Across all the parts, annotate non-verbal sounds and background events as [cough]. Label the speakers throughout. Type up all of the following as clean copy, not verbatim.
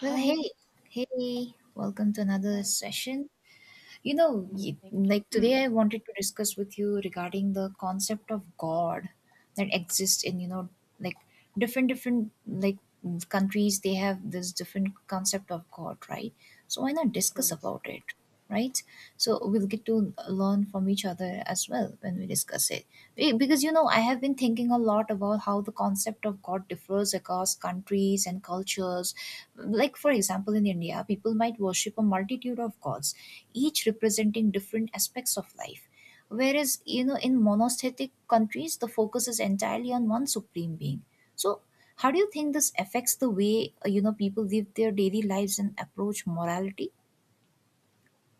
Speaker 1: Well,
Speaker 2: Hi.
Speaker 1: hey, welcome to another
Speaker 2: Hi.
Speaker 1: session. You know, y-
Speaker 2: Thank you.
Speaker 1: like today I wanted to discuss with you regarding the concept of God that exists in, you know, like like countries. They have this different concept of God, right? So why not discuss
Speaker 2: Yes.
Speaker 1: about it, right? So we'll get to learn from each other as well when we discuss it. Because you know, I have been thinking a lot about how the concept of God differs across countries and cultures. Like, for example, in India, people might worship a multitude of gods, each representing different aspects of life, whereas, you know, in monotheistic countries the focus is entirely on one supreme being. So how do you think this affects the way you know, people live their daily lives and approach morality?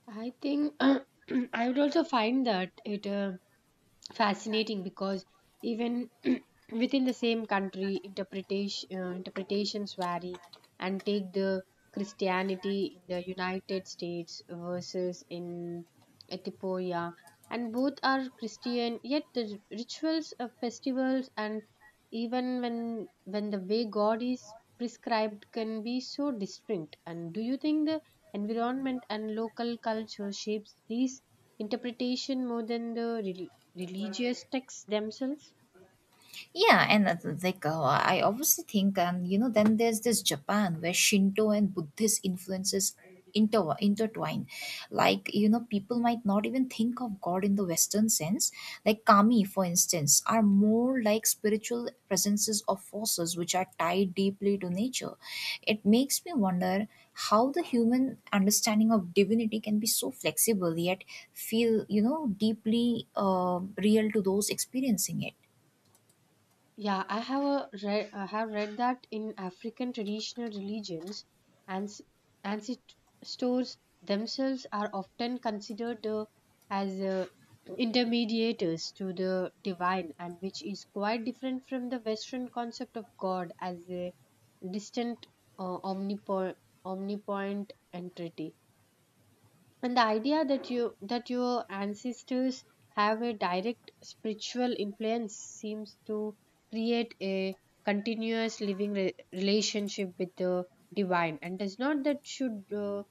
Speaker 2: I think [clears throat] I would also find that it fascinating because even [clears throat] within the same country interpretations vary, and take the Christianity in the United States versus in Ethiopia, and both are Christian, yet the rituals of festivals and even when the way God is prescribed can be so distinct. And do you think the environment and local culture shapes these interpretation more than the religious texts themselves?
Speaker 1: Yeah, and they go. I obviously think, and you know, then there's this Japan where Shinto and Buddhist influences intertwine. Like, you know, people might not even think of God in the Western sense. Like kami, for instance, are more like spiritual presences of forces which are tied deeply to nature. It makes me wonder how the human understanding of divinity can be so flexible yet feel, you know, deeply real to those experiencing it.
Speaker 2: Yeah, I have read that in African traditional religions, and ancestors themselves are often considered as intermediators to the divine, and which is quite different from the Western concept of God as a distant, uh, omnipo- omnipotent entity. And the idea that your ancestors have a direct spiritual influence seems to create a continuous living relationship with the divine. And does not that should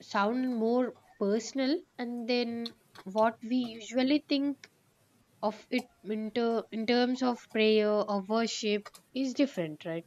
Speaker 2: sound more personal, and then what we usually think of it in terms of prayer or worship is different, right?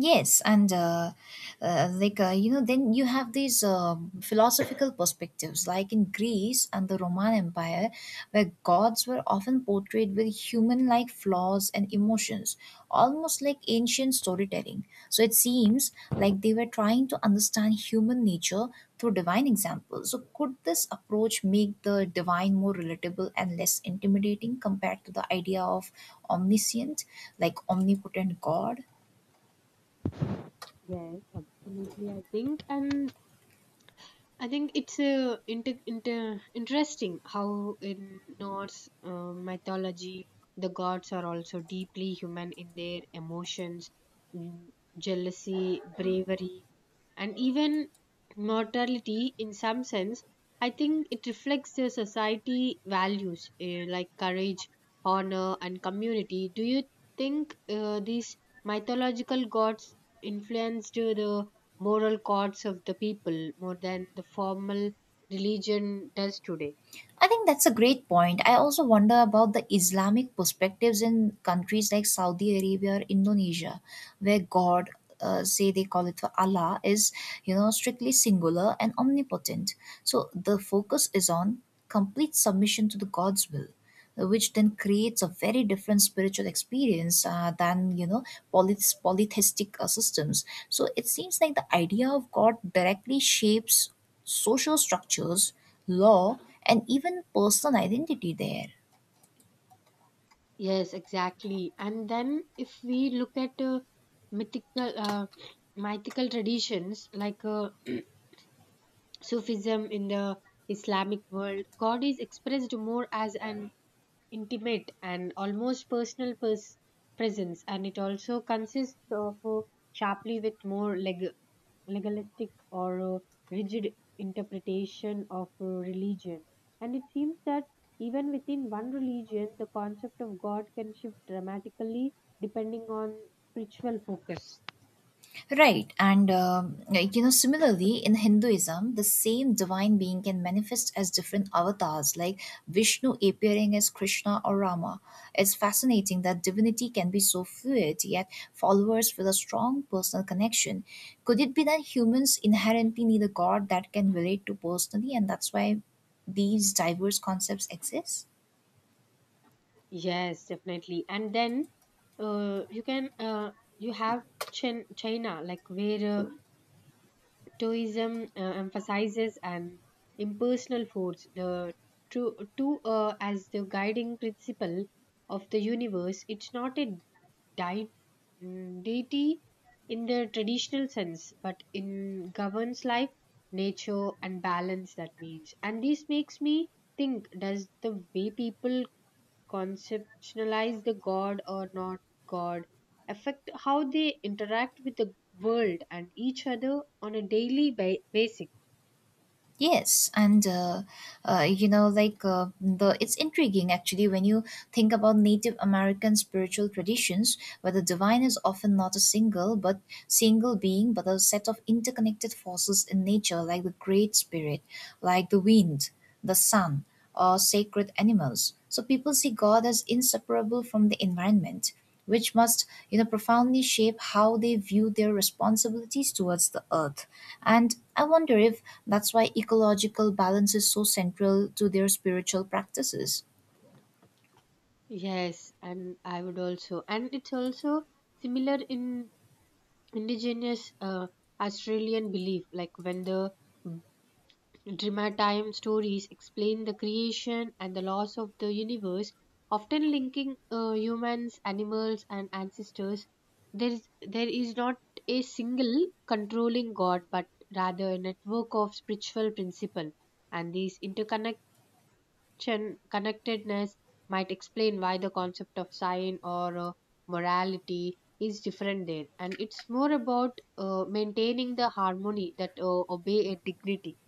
Speaker 1: Yes, and like you know, then you have these philosophical perspectives, like in Greece and the Roman Empire, where gods were often portrayed with human-like flaws and emotions, almost like ancient storytelling. So it seems like they were trying to understand human nature through divine examples. So could this approach make the divine more relatable and less intimidating compared to the idea of omniscient, like omnipotent God?
Speaker 2: Yes, absolutely. I think it's interesting how in Norse mythology the gods are also deeply human in their emotions, mm, jealousy, bravery, and even mortality in some sense. I think it reflects the society values, like courage, honor, and community. Do you think these mythological gods influenced the moral codes of the people more than the formal religion does today?
Speaker 1: I think that's a great point. I also wonder about the Islamic perspectives in countries like Saudi Arabia or Indonesia, where God, say they call it for Allah, is, you know, strictly singular and omnipotent. So the focus is on complete submission to the God's will, which then creates a very different spiritual experience than, you know, polytheistic systems. So it seems like the idea of God directly shapes social structures, law, and even personal identity there.
Speaker 2: Yes, exactly. And then if we look at mythical uh, mythical traditions like [clears throat] Sufism in the Islamic world, God is expressed more as an intimate and almost personal presence, and it also consists of sharply with more legalistic or rigid interpretation of religion. And it seems that even within one religion, the concept of God can shift dramatically depending on spiritual focus.
Speaker 1: Right, and like, you know, similarly in Hinduism, the same divine being can manifest as different avatars, like Vishnu appearing as Krishna or Rama. It's fascinating that divinity can be so fluid, yet followers feel a strong personal connection. Could it be that humans inherently need a god that can relate to personally, and that's why these diverse concepts exist?
Speaker 2: Yes, definitely. And then uh, you can uh, you have China, like where Stoicism emphasizes an impersonal force, the true to as the guiding principle of the universe. It's not a dei- deity in the traditional sense, but in governs life, nature, and balance. That means, and this makes me think: does the way people conceptualize the god or not god affect how they interact with the world and each other on a daily basis?
Speaker 1: Yes, and you know, like the it's intriguing actually when you think about Native American spiritual traditions, where the divine is often not a single but single being, but a set of interconnected forces in nature, like the Great Spirit, like the wind, the sun, or sacred animals. So people see God as inseparable from the environment, which must, you know, profoundly shape how they view their responsibilities towards the earth. And I wonder if that's why ecological balance is so central to their spiritual practices.
Speaker 2: Yes, and I would also, and it's also similar in indigenous Australian belief, like when the Dramatime stories explain the creation and the loss of the universe, often linking humans, animals, and ancestors. There is not a single controlling god, but rather a network of spiritual principle, and these interconnection connectedness might explain why the concept of sign or morality is different there, and it's more about maintaining the harmony that obey a dignity.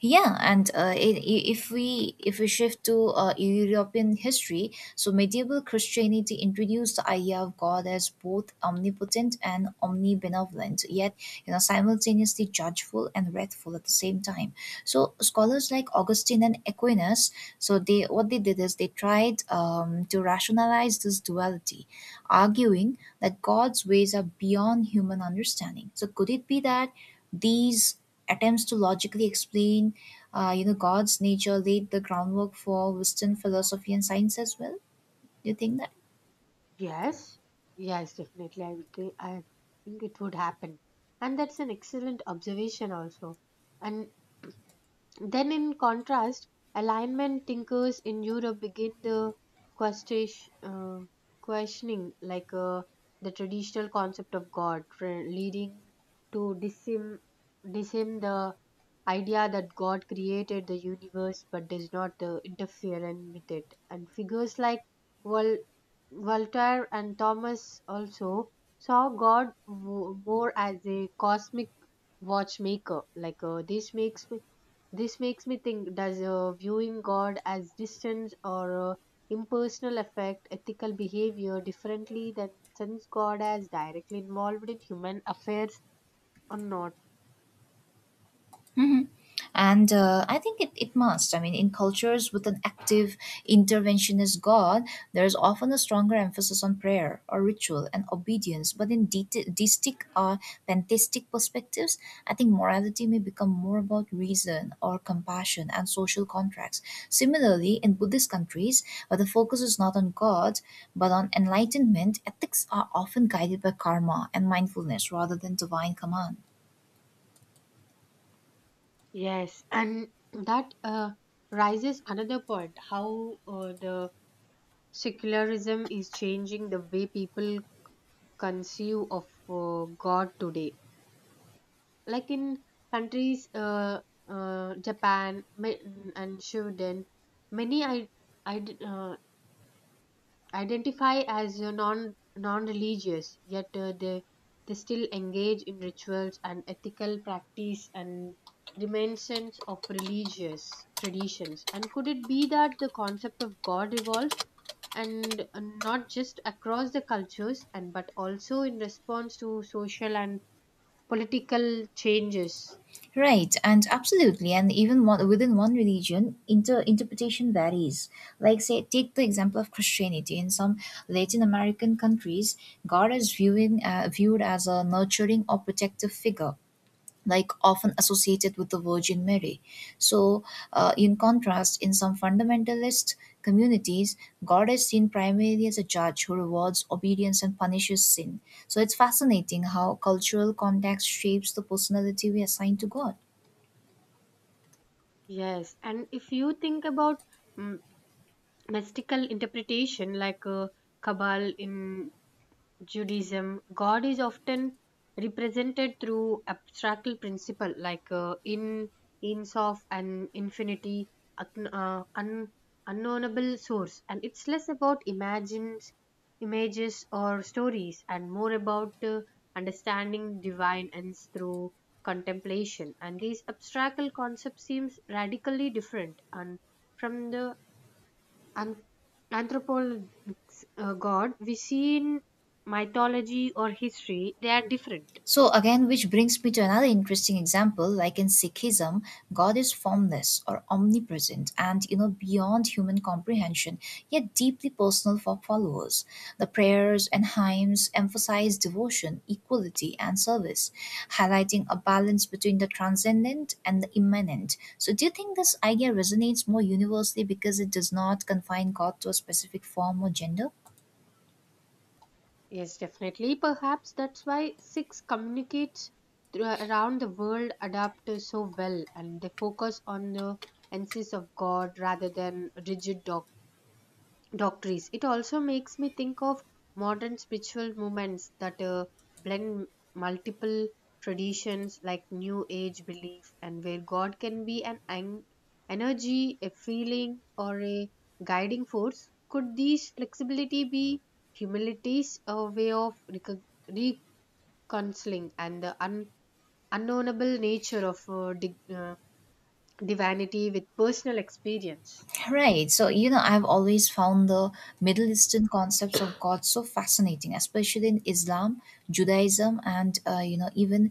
Speaker 1: Yeah, and if we shift to European history, so medieval Christianity introduced the idea of God as both omnipotent and omnibenevolent, yet, you know, simultaneously judgeful and wrathful at the same time. So scholars like Augustine and Aquinas, so they what they did is they tried to rationalize this duality, arguing that God's ways are beyond human understanding. So could it be that these attempts to logically explain, you know, God's nature laid the groundwork for Western philosophy and science as well? Do you think that?
Speaker 2: Yes, yes, definitely. I would think, I think it would happen. And that's an excellent observation also. And then in contrast, alignment thinkers in Europe begin question, uh, questioning like the traditional concept of God, leading to disim, disim the idea that God created the universe but does not interfere in- with it. And figures like Vol- Voltaire and Thomas also saw God more as a cosmic watchmaker. This makes me think: does viewing God as distance or impersonal affect ethical behavior differently than since God as directly involved in human affairs or not?
Speaker 1: Hmm. And I think it, it must. I mean, in cultures with an active interventionist God, there is often a stronger emphasis on prayer or ritual and obedience. But in deistic or pantheistic perspectives, I think morality may become more about reason or compassion and social contracts. Similarly, in Buddhist countries, where the focus is not on God but on enlightenment, ethics are often guided by karma and mindfulness rather than divine command.
Speaker 2: Yes, and that raises another point how the secularism is changing the way people conceive of God today. Like in countries Japan and Sweden, many I, uh, identify as non-religious, yet they still engage in rituals and ethical practice and reminiscence of religious traditions. And could it be that the concept of god evolves, and not just across the cultures and but also in response to social and political changes?
Speaker 1: Right, and absolutely, and even within one religion, interpretation varies. Like, say, take the example of Christianity. In some Latin American countries, God is viewing viewed as a nurturing or protective figure, like often associated with the Virgin Mary. So, in contrast, in some fundamentalist communities, God is seen primarily as a judge who rewards obedience and punishes sin. So, it's fascinating how cultural context shapes the personality we assign to God.
Speaker 2: Yes, and if you think about mm mystical interpretation like Kabal in Judaism, God is often represented through abstract principle like in ins of an infinity, un, uh, un, unknownable source, and it's less about images or stories, and more about understanding divine ends through contemplation. And these abstract concepts seems radically different and from the an- anthropolog's god we see in mythology or history. They are different.
Speaker 1: So, again, which brings me to another interesting example, like in Sikhism, God is formless or omnipresent and, you know, beyond human comprehension, yet deeply personal for followers. The prayers and hymns emphasize devotion, equality, and service, highlighting a balance between the transcendent and the immanent. So, do you think this idea resonates more universally because it does not confine God to a specific form or gender?
Speaker 2: Yes, definitely. Perhaps that's why six communicates around the world adapt so well, and they focus on the essence of god rather than rigid dogma doctrines. It also makes me think of modern spiritual movements that blend multiple traditions like New Age belief, and where God can be an energy, a feeling, or a guiding force. Could these flexibility be humanity's way of reconciling and the unknowable nature of divinity with personal experience?
Speaker 1: Right. So, you know, I've always found the Middle Eastern concepts of God so fascinating, especially in Islam, Judaism, and, you know, even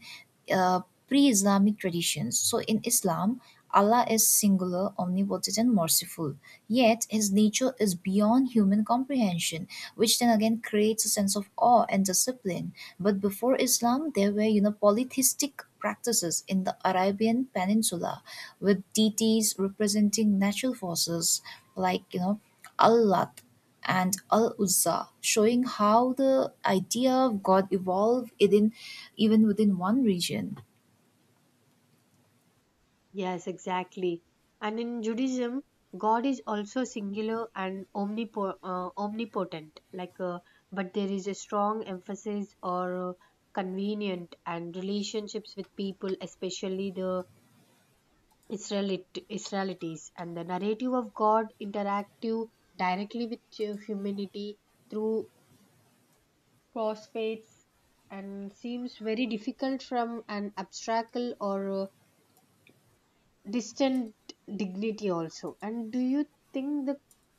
Speaker 1: uh, pre Islamic traditions. So, in Islam, Allah is singular, omnipotent, and merciful. Yet his nature is beyond human comprehension, which then again creates a sense of awe and discipline. But before Islam, there were, you know, polytheistic practices in the Arabian Peninsula with deities representing natural forces like, you know, Allah and Al Uzza, showing how the idea of God evolved within even within one region.
Speaker 2: Yes, exactly. And in Judaism, God is also singular and omnipotent. But there is a strong emphasis or convenient and relationships with people, especially the Israelites, and the narrative of God interactive directly with humanity through prophets, and seems very difficult from an abstract or distant dignity also. And do you think the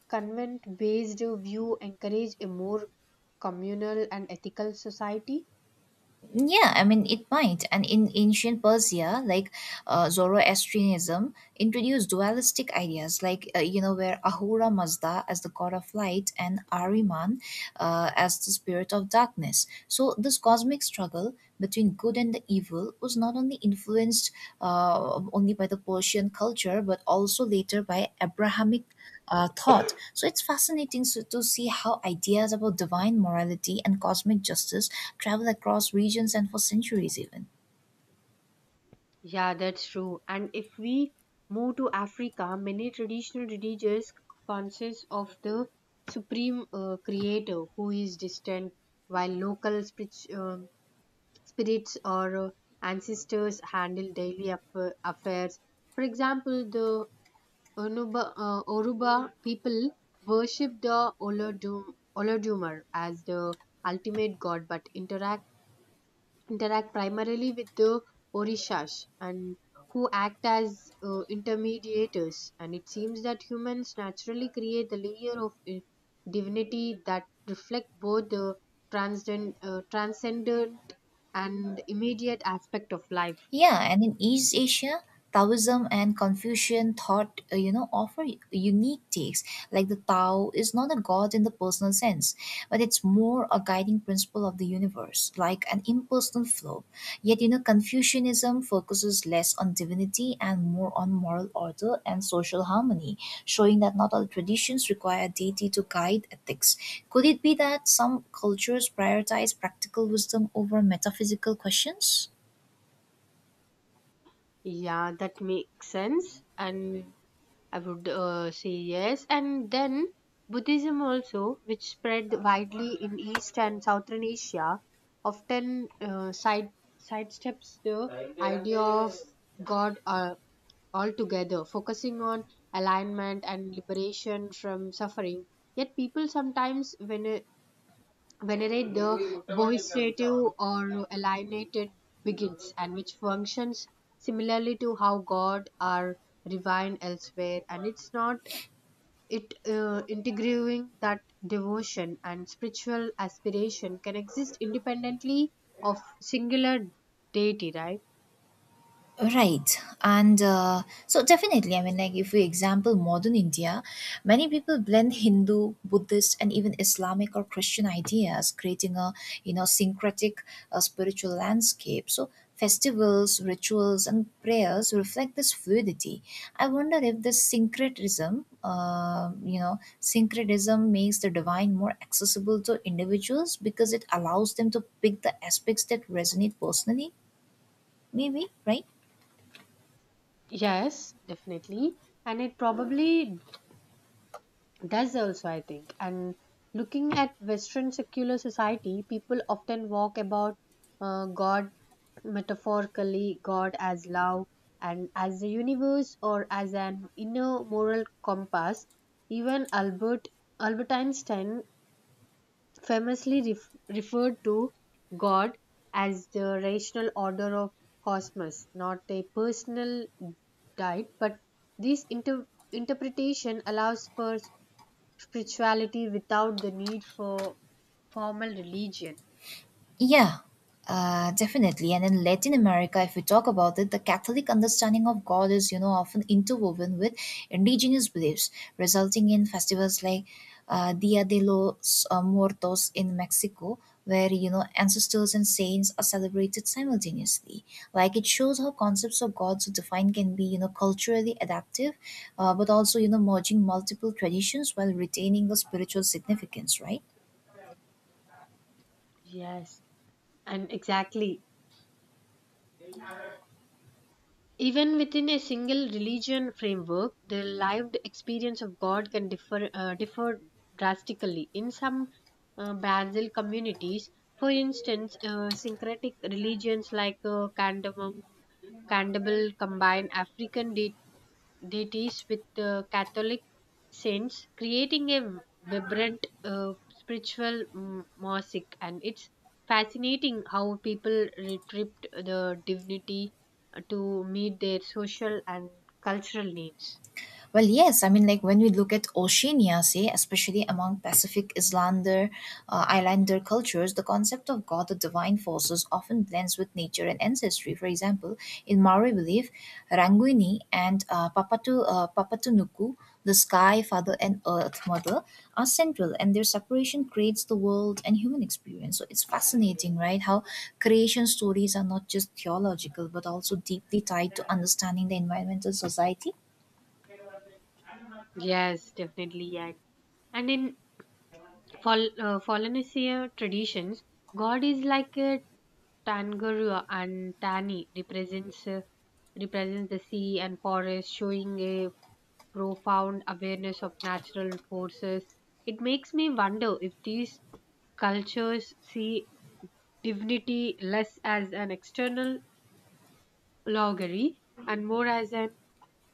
Speaker 2: convent based view encourage a more communal and ethical society?
Speaker 1: Yeah, I mean, it might. And in ancient Persia, like Zoroastrianism introduced dualistic ideas, like, you know, where Ahura Mazda as the god of light and Ahriman as the spirit of darkness. So this cosmic struggle between good and the evil was not only influenced only by the Persian culture but also later by Abrahamic thought. So it's fascinating, so, to see how ideas about divine morality and cosmic justice travel across regions and for centuries even.
Speaker 2: Yeah, that's true. And if we move to Africa, many traditional religions consist of the supreme creator who is distant, while local spirits or ancestors handle daily affairs. For example, the Oruba people worship the Olodumare as the ultimate god, but interact primarily with the Orishas, and who act as intermediators. And it seems that humans naturally create a layer of divinity that reflect both the transcendent and immediate aspect of life.
Speaker 1: Yeah, and in East Asia, Taoism and Confucian thought, you know, offer unique takes. Like the Tao is not a god in the personal sense, but it's more a guiding principle of the universe, like an impersonal flow. Yet, you know, Confucianism focuses less on divinity and more on moral order and social harmony, showing that not all traditions require a deity to guide ethics. Could it be that some cultures prioritize practical wisdom over metaphysical questions?
Speaker 2: Yeah, that makes sense, and I would say yes. And then Buddhism also, which spread widely in East and Southern Asia, often sidesteps the idea of God altogether, focusing on alignment and liberation from suffering. Yet people sometimes venerate the bohisative or alienated begins, and which functions similarly to how God are divine elsewhere. And it's not it integrating that devotion and spiritual aspiration can exist independently of singular deity, right?
Speaker 1: Right. And so, definitely, I mean, like if we example modern India, many people blend Hindu, Buddhist, and even Islamic or Christian ideas, creating a, you know, syncretic spiritual landscape. So, festivals, rituals, and prayers reflect this fluidity. I wonder if this syncretism, you know, syncretism makes the divine more accessible to individuals because it allows them to pick the aspects that resonate personally, maybe, right?
Speaker 2: Yes, definitely. And it probably does also, I think. And looking at Western secular society, people often walk about God metaphorically, God as love and as the universe or as an inner moral compass. Even Albert Einstein famously referred to God as the rational order of cosmos, not a personal diet, but this interpretation allows for spirituality without the need for formal religion.
Speaker 1: Yeah, definitely. And in Latin America, if we talk about it, the Catholic understanding of God is, you know, often interwoven with indigenous beliefs, resulting in festivals like Dia de los Muertos in Mexico, where, you know, ancestors and saints are celebrated simultaneously. Like it shows how concepts of God so defined can be, you know, culturally adaptive, but also, you know, merging multiple traditions while retaining the spiritual significance, right?
Speaker 2: Yes, and exactly, even within a single religion framework, the lived experience of God can differ drastically. In some Brazil communities, for instance, syncretic religions like Candable combine African deities with the Catholic saints, creating a vibrant spiritual mosaic. And it's fascinating how people retrieved the divinity to meet their social and cultural needs.
Speaker 1: Well, yes. I mean, like when we look at Oceania, say, especially among Islander cultures, the concept of God, the divine forces, often blends with nature and ancestry. For example, in Maori belief, Ranguini and Papatunuku, the sky father and earth mother, are central, and their separation creates the world and human experience. So it's fascinating, right? How creation stories are not just theological, but also deeply tied to understanding the environmental society.
Speaker 2: Yes, definitely. Yeah. And in For Polynesia traditions, God is like a Tangarua, and Tani represents the sea and forest, showing a profound awareness of natural forces. It makes me wonder if these cultures see divinity less as an external loggery and more as an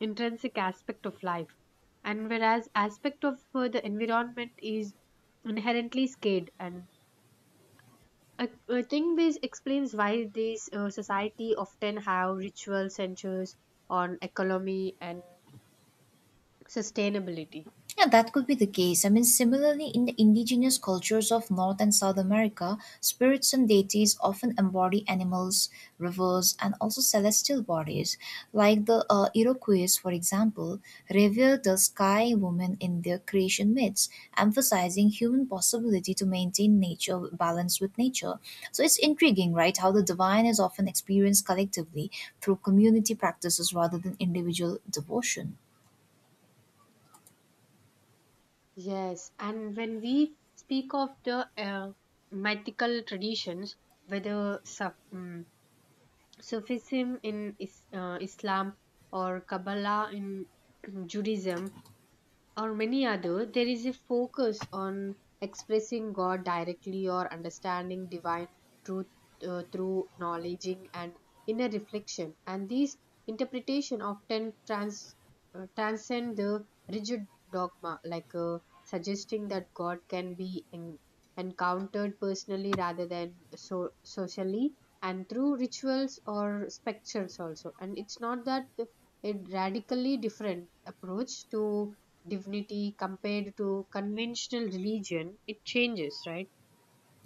Speaker 2: intrinsic aspect of life. And whereas aspect of the environment is inherently scared, and I think this explains why these society often have ritual centers on economy and sustainability.
Speaker 1: Yeah, that could be the case. I mean, similarly, in the indigenous cultures of North and South America, spirits and deities often embody animals, rivers, and also celestial bodies. Like the Iroquois, for example, revere the sky woman in their creation myths, emphasizing human possibility to maintain nature balance with nature. So it's intriguing, right? How the divine is often experienced collectively through community practices rather than individual devotion.
Speaker 2: Yes, and when we speak of the mythical traditions, whether Sufism in Islam, or Kabbalah in [clears throat] Judaism, or many other, there is a focus on expressing God directly or understanding divine truth through knowledging and inner reflection. And these interpretation often transcend the rigid dogma, like suggesting that God can be encountered personally rather than so socially and through rituals or structures also. And it's not that a radically different approach to divinity compared to conventional religion, it changes, right?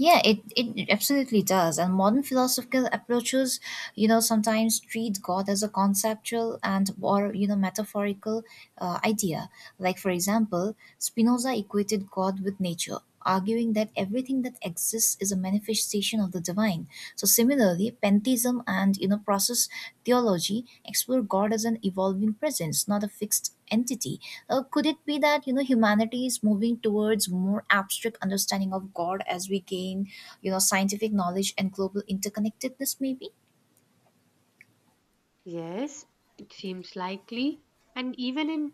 Speaker 1: Yeah, it absolutely does. And modern philosophical approaches, you know, sometimes treat God as a conceptual and or, you know, metaphorical idea. Like, for example, Spinoza equated God with nature, arguing that everything that exists is a manifestation of the divine. So similarly, pantheism and, you know, process theology explore God as an evolving presence, not a fixed entity. Could it be that, you know, humanity is moving towards more abstract understanding of God as we gain, you know, scientific knowledge and global interconnectedness? Maybe.
Speaker 2: Yes, it seems likely. And even in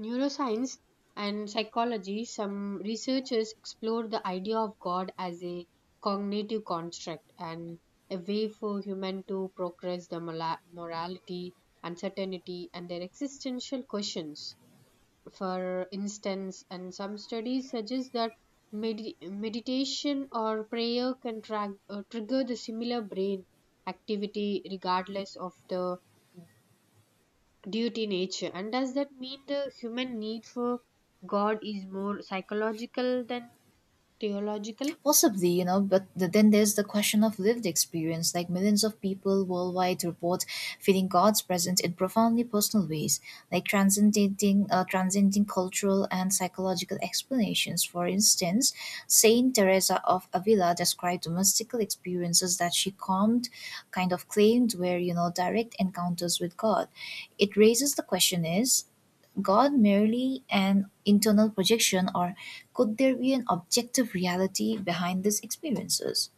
Speaker 2: neuroscience and psychology, some researchers explore the idea of God as a cognitive construct and a way for human to progress the morality, uncertainty, and their existential questions, for instance. And some studies suggest that meditation or prayer can trigger the similar brain activity regardless of the duty nature. And does that mean the human need for God is more psychological than theological?
Speaker 1: Possibly, you know, but then there's the question of lived experience. Like millions of people worldwide report feeling God's presence in profoundly personal ways, like transcending cultural and psychological explanations. For instance, Saint Teresa of Avila described mystical experiences that she calmed, kind of claimed were, direct encounters with God. It raises the question: Is God merely an internal projection, or could there be an objective reality behind these experiences?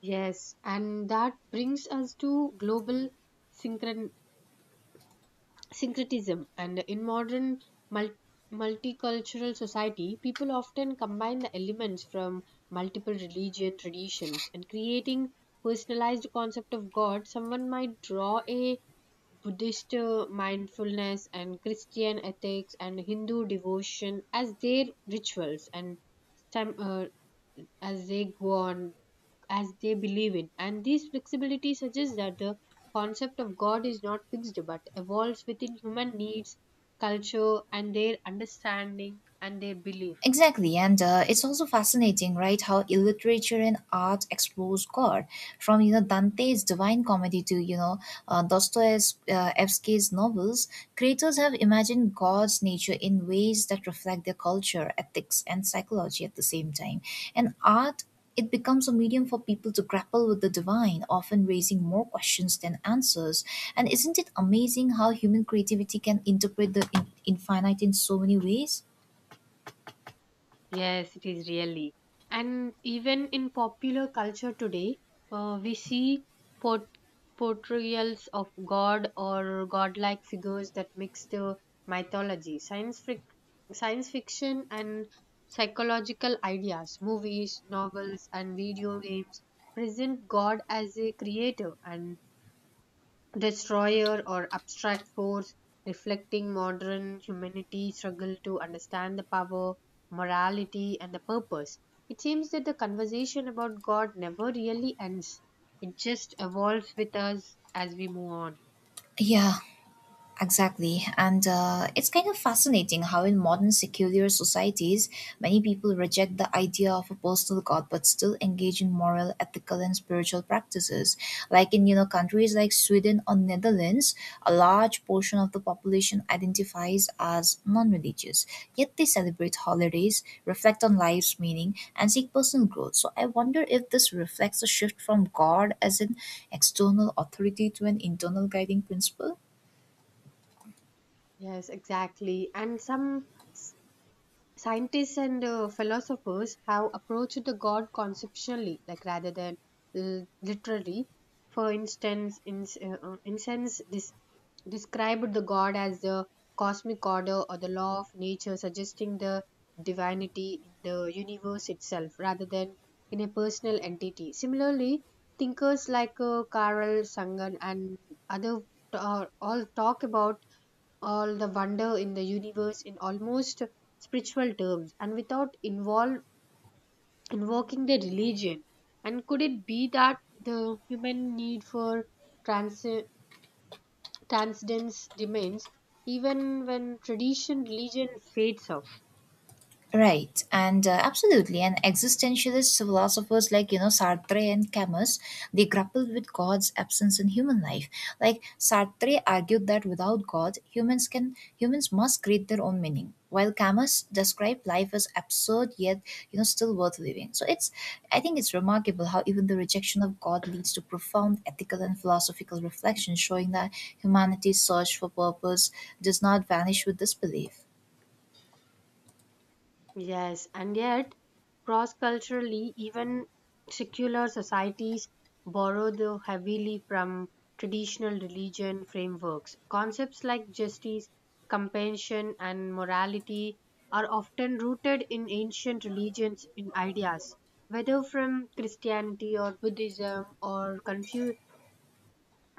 Speaker 2: Yes, and that brings us to global synchron- syncretism. And in modern mul- multicultural society, people often combine the elements from multiple religion traditions and creating personalized concept of god. Someone might draw a buddhist mindfulness and christian ethics and hindu devotion as their rituals and time, as they go on, as they believe in. And this flexibility suggests that the concept of God is not fixed but evolves within human needs, culture, and their understanding and their belief.
Speaker 1: Exactly, and it's also fascinating, right? How literature and art explores God, from Dante's Divine Comedy to Dostoevsky's novels. Creators have imagined God's nature in ways that reflect their culture, ethics, and psychology at the same time. And art, it becomes a medium for people to grapple with the divine, often raising more questions than answers. And isn't it amazing how human creativity can interpret the infinite in so many ways?
Speaker 2: Yes, it is really. And even in popular culture today, we see port- portrayals of God or godlike figures that mix the mythology, science, science fiction, and psychological ideas. Movies, novels, and video games present God as a creator and destroyer or abstract force reflecting modern humanity's struggle to understand the power, morality, and the purpose. It seems that the conversation about God never really ends, it just evolves with us as we move on.
Speaker 1: Yeah, exactly. And it's kind of fascinating how, in modern secular societies, many people reject the idea of a personal God but still engage in moral, ethical, and spiritual practices. Like in countries like Sweden or Netherlands, a large portion of the population identifies as non religious, yet they celebrate holidays, reflect on life's meaning, and seek personal growth. So I wonder if this reflects a shift from God as an external authority to an internal guiding principle.
Speaker 2: Yes, exactly. And some s- scientists and philosophers have approached the God conceptually, like rather than literally. For instance, incense described the god as the cosmic order or the law of nature, suggesting the divinity in the universe itself rather than in a personal entity. Similarly, thinkers like Carl Sagan and other all talk about all the wonder in the universe in almost spiritual terms and without involve invoking the religion. And could it be that the human need for trans transcendence remains even when tradition, religion fades off?
Speaker 1: Right, and absolutely. And existentialist philosophers like, Sartre and Camus, they grappled with God's absence in human life. Like Sartre argued that without God, humans must create their own meaning. While Camus described life as absurd yet, still worth living. So it's I think it's remarkable how even the rejection of God leads to profound ethical and philosophical reflection, showing that humanity's search for purpose does not vanish with disbelief.
Speaker 2: Yes, and yet cross culturally, even secular societies borrow though heavily from traditional religion frameworks. Concepts like justice, compassion, and morality are often rooted in ancient religions In ideas, whether from Christianity or Buddhism or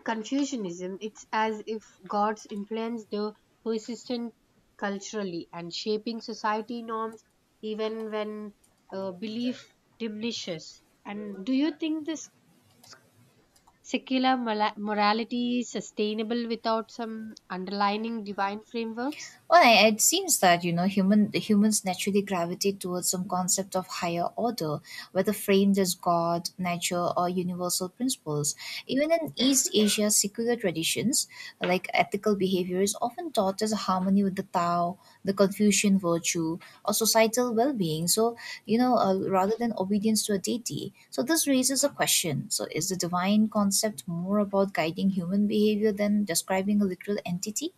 Speaker 2: Confucianism. It's as if gods influence the persistent culturally and shaping society norms even when belief diminishes. And do you think this secular morality is sustainable without some underlining divine frameworks?
Speaker 1: Well, it seems that you know human the humans naturally gravitate towards some concept of higher order, whether framed as God, nature, or universal principles. Even in East Asia, secular traditions like ethical behavior is often taught as harmony with the Tao, the Confucian virtue, or societal well-being. So rather than obedience to a deity. So this raises a question: So is the divine concept more about guiding human behavior than describing a literal entity?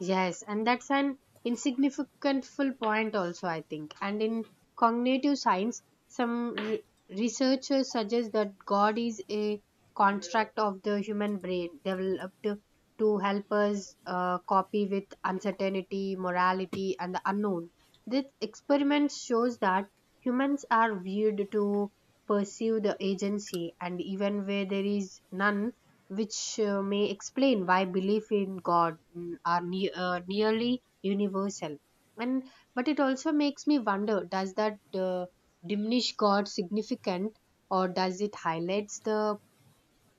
Speaker 2: Yes, and that's an insignificant full point also, I think. And in cognitive science, some researchers suggest that God is a construct of the human brain developed to help us copy with uncertainty, morality, and the unknown. This experiment shows that humans are viewed to pursue the agency, and even where there is none, which may explain why belief in God, are nearly universal. And but it also makes me wonder: does that diminish God's significance, or does it highlights the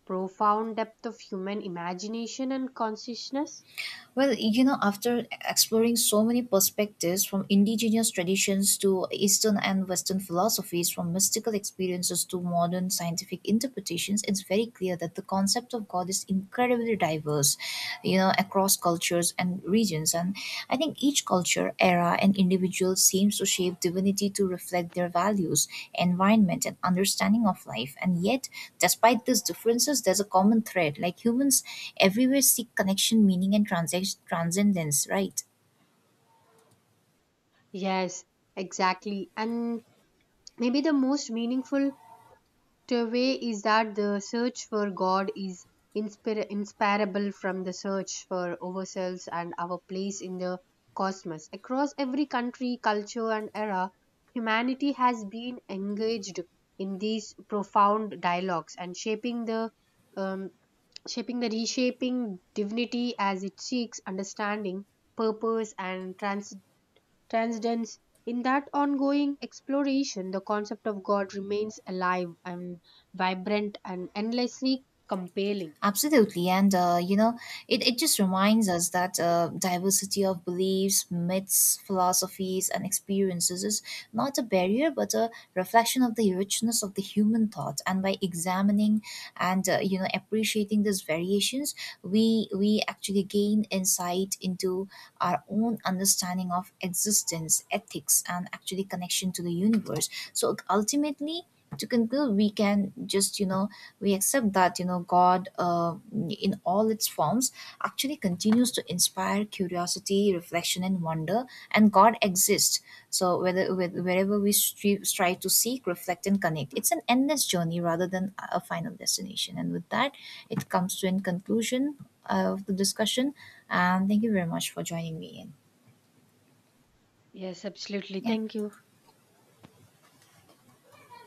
Speaker 2: profound depth of human imagination and consciousness?
Speaker 1: Well, after exploring so many perspectives from indigenous traditions to Eastern and Western philosophies, from mystical experiences to modern scientific interpretations, it's very clear that the concept of God is incredibly diverse, across cultures and regions. And I think each culture, era, and individual seems to shape divinity to reflect their values, environment, and understanding of life. And yet, despite these differences, there's a common thread. Like humans everywhere seek connection, meaning, and transcendence, right?
Speaker 2: Yes, exactly. And maybe the most meaningful way is that the search for God is inseparable from the search for ourselves and our place in the cosmos. Across every country, culture, and era, humanity has been engaged in these profound dialogues and um, shaping the reshaping divinity as it seeks understanding, purpose, and transcendence. In that ongoing exploration, the concept of God remains alive and vibrant and endlessly compelling.
Speaker 1: Absolutely. And, it just reminds us that diversity of beliefs, myths, philosophies, and experiences is not a barrier, but a reflection of the richness of the human thought. And by examining and, appreciating these variations, we actually gain insight into our own understanding of existence, ethics, and actually connection to the universe. So ultimately, to conclude, we can just, we accept that god in all its forms actually continues to inspire curiosity reflection and wonder and god exists so whether wherever we strive to seek reflect and connect it's an endless journey rather than a final destination and with that it comes to a conclusion of the discussion and thank you very much for joining me in
Speaker 2: Yes, absolutely. Thank
Speaker 1: yeah
Speaker 2: you.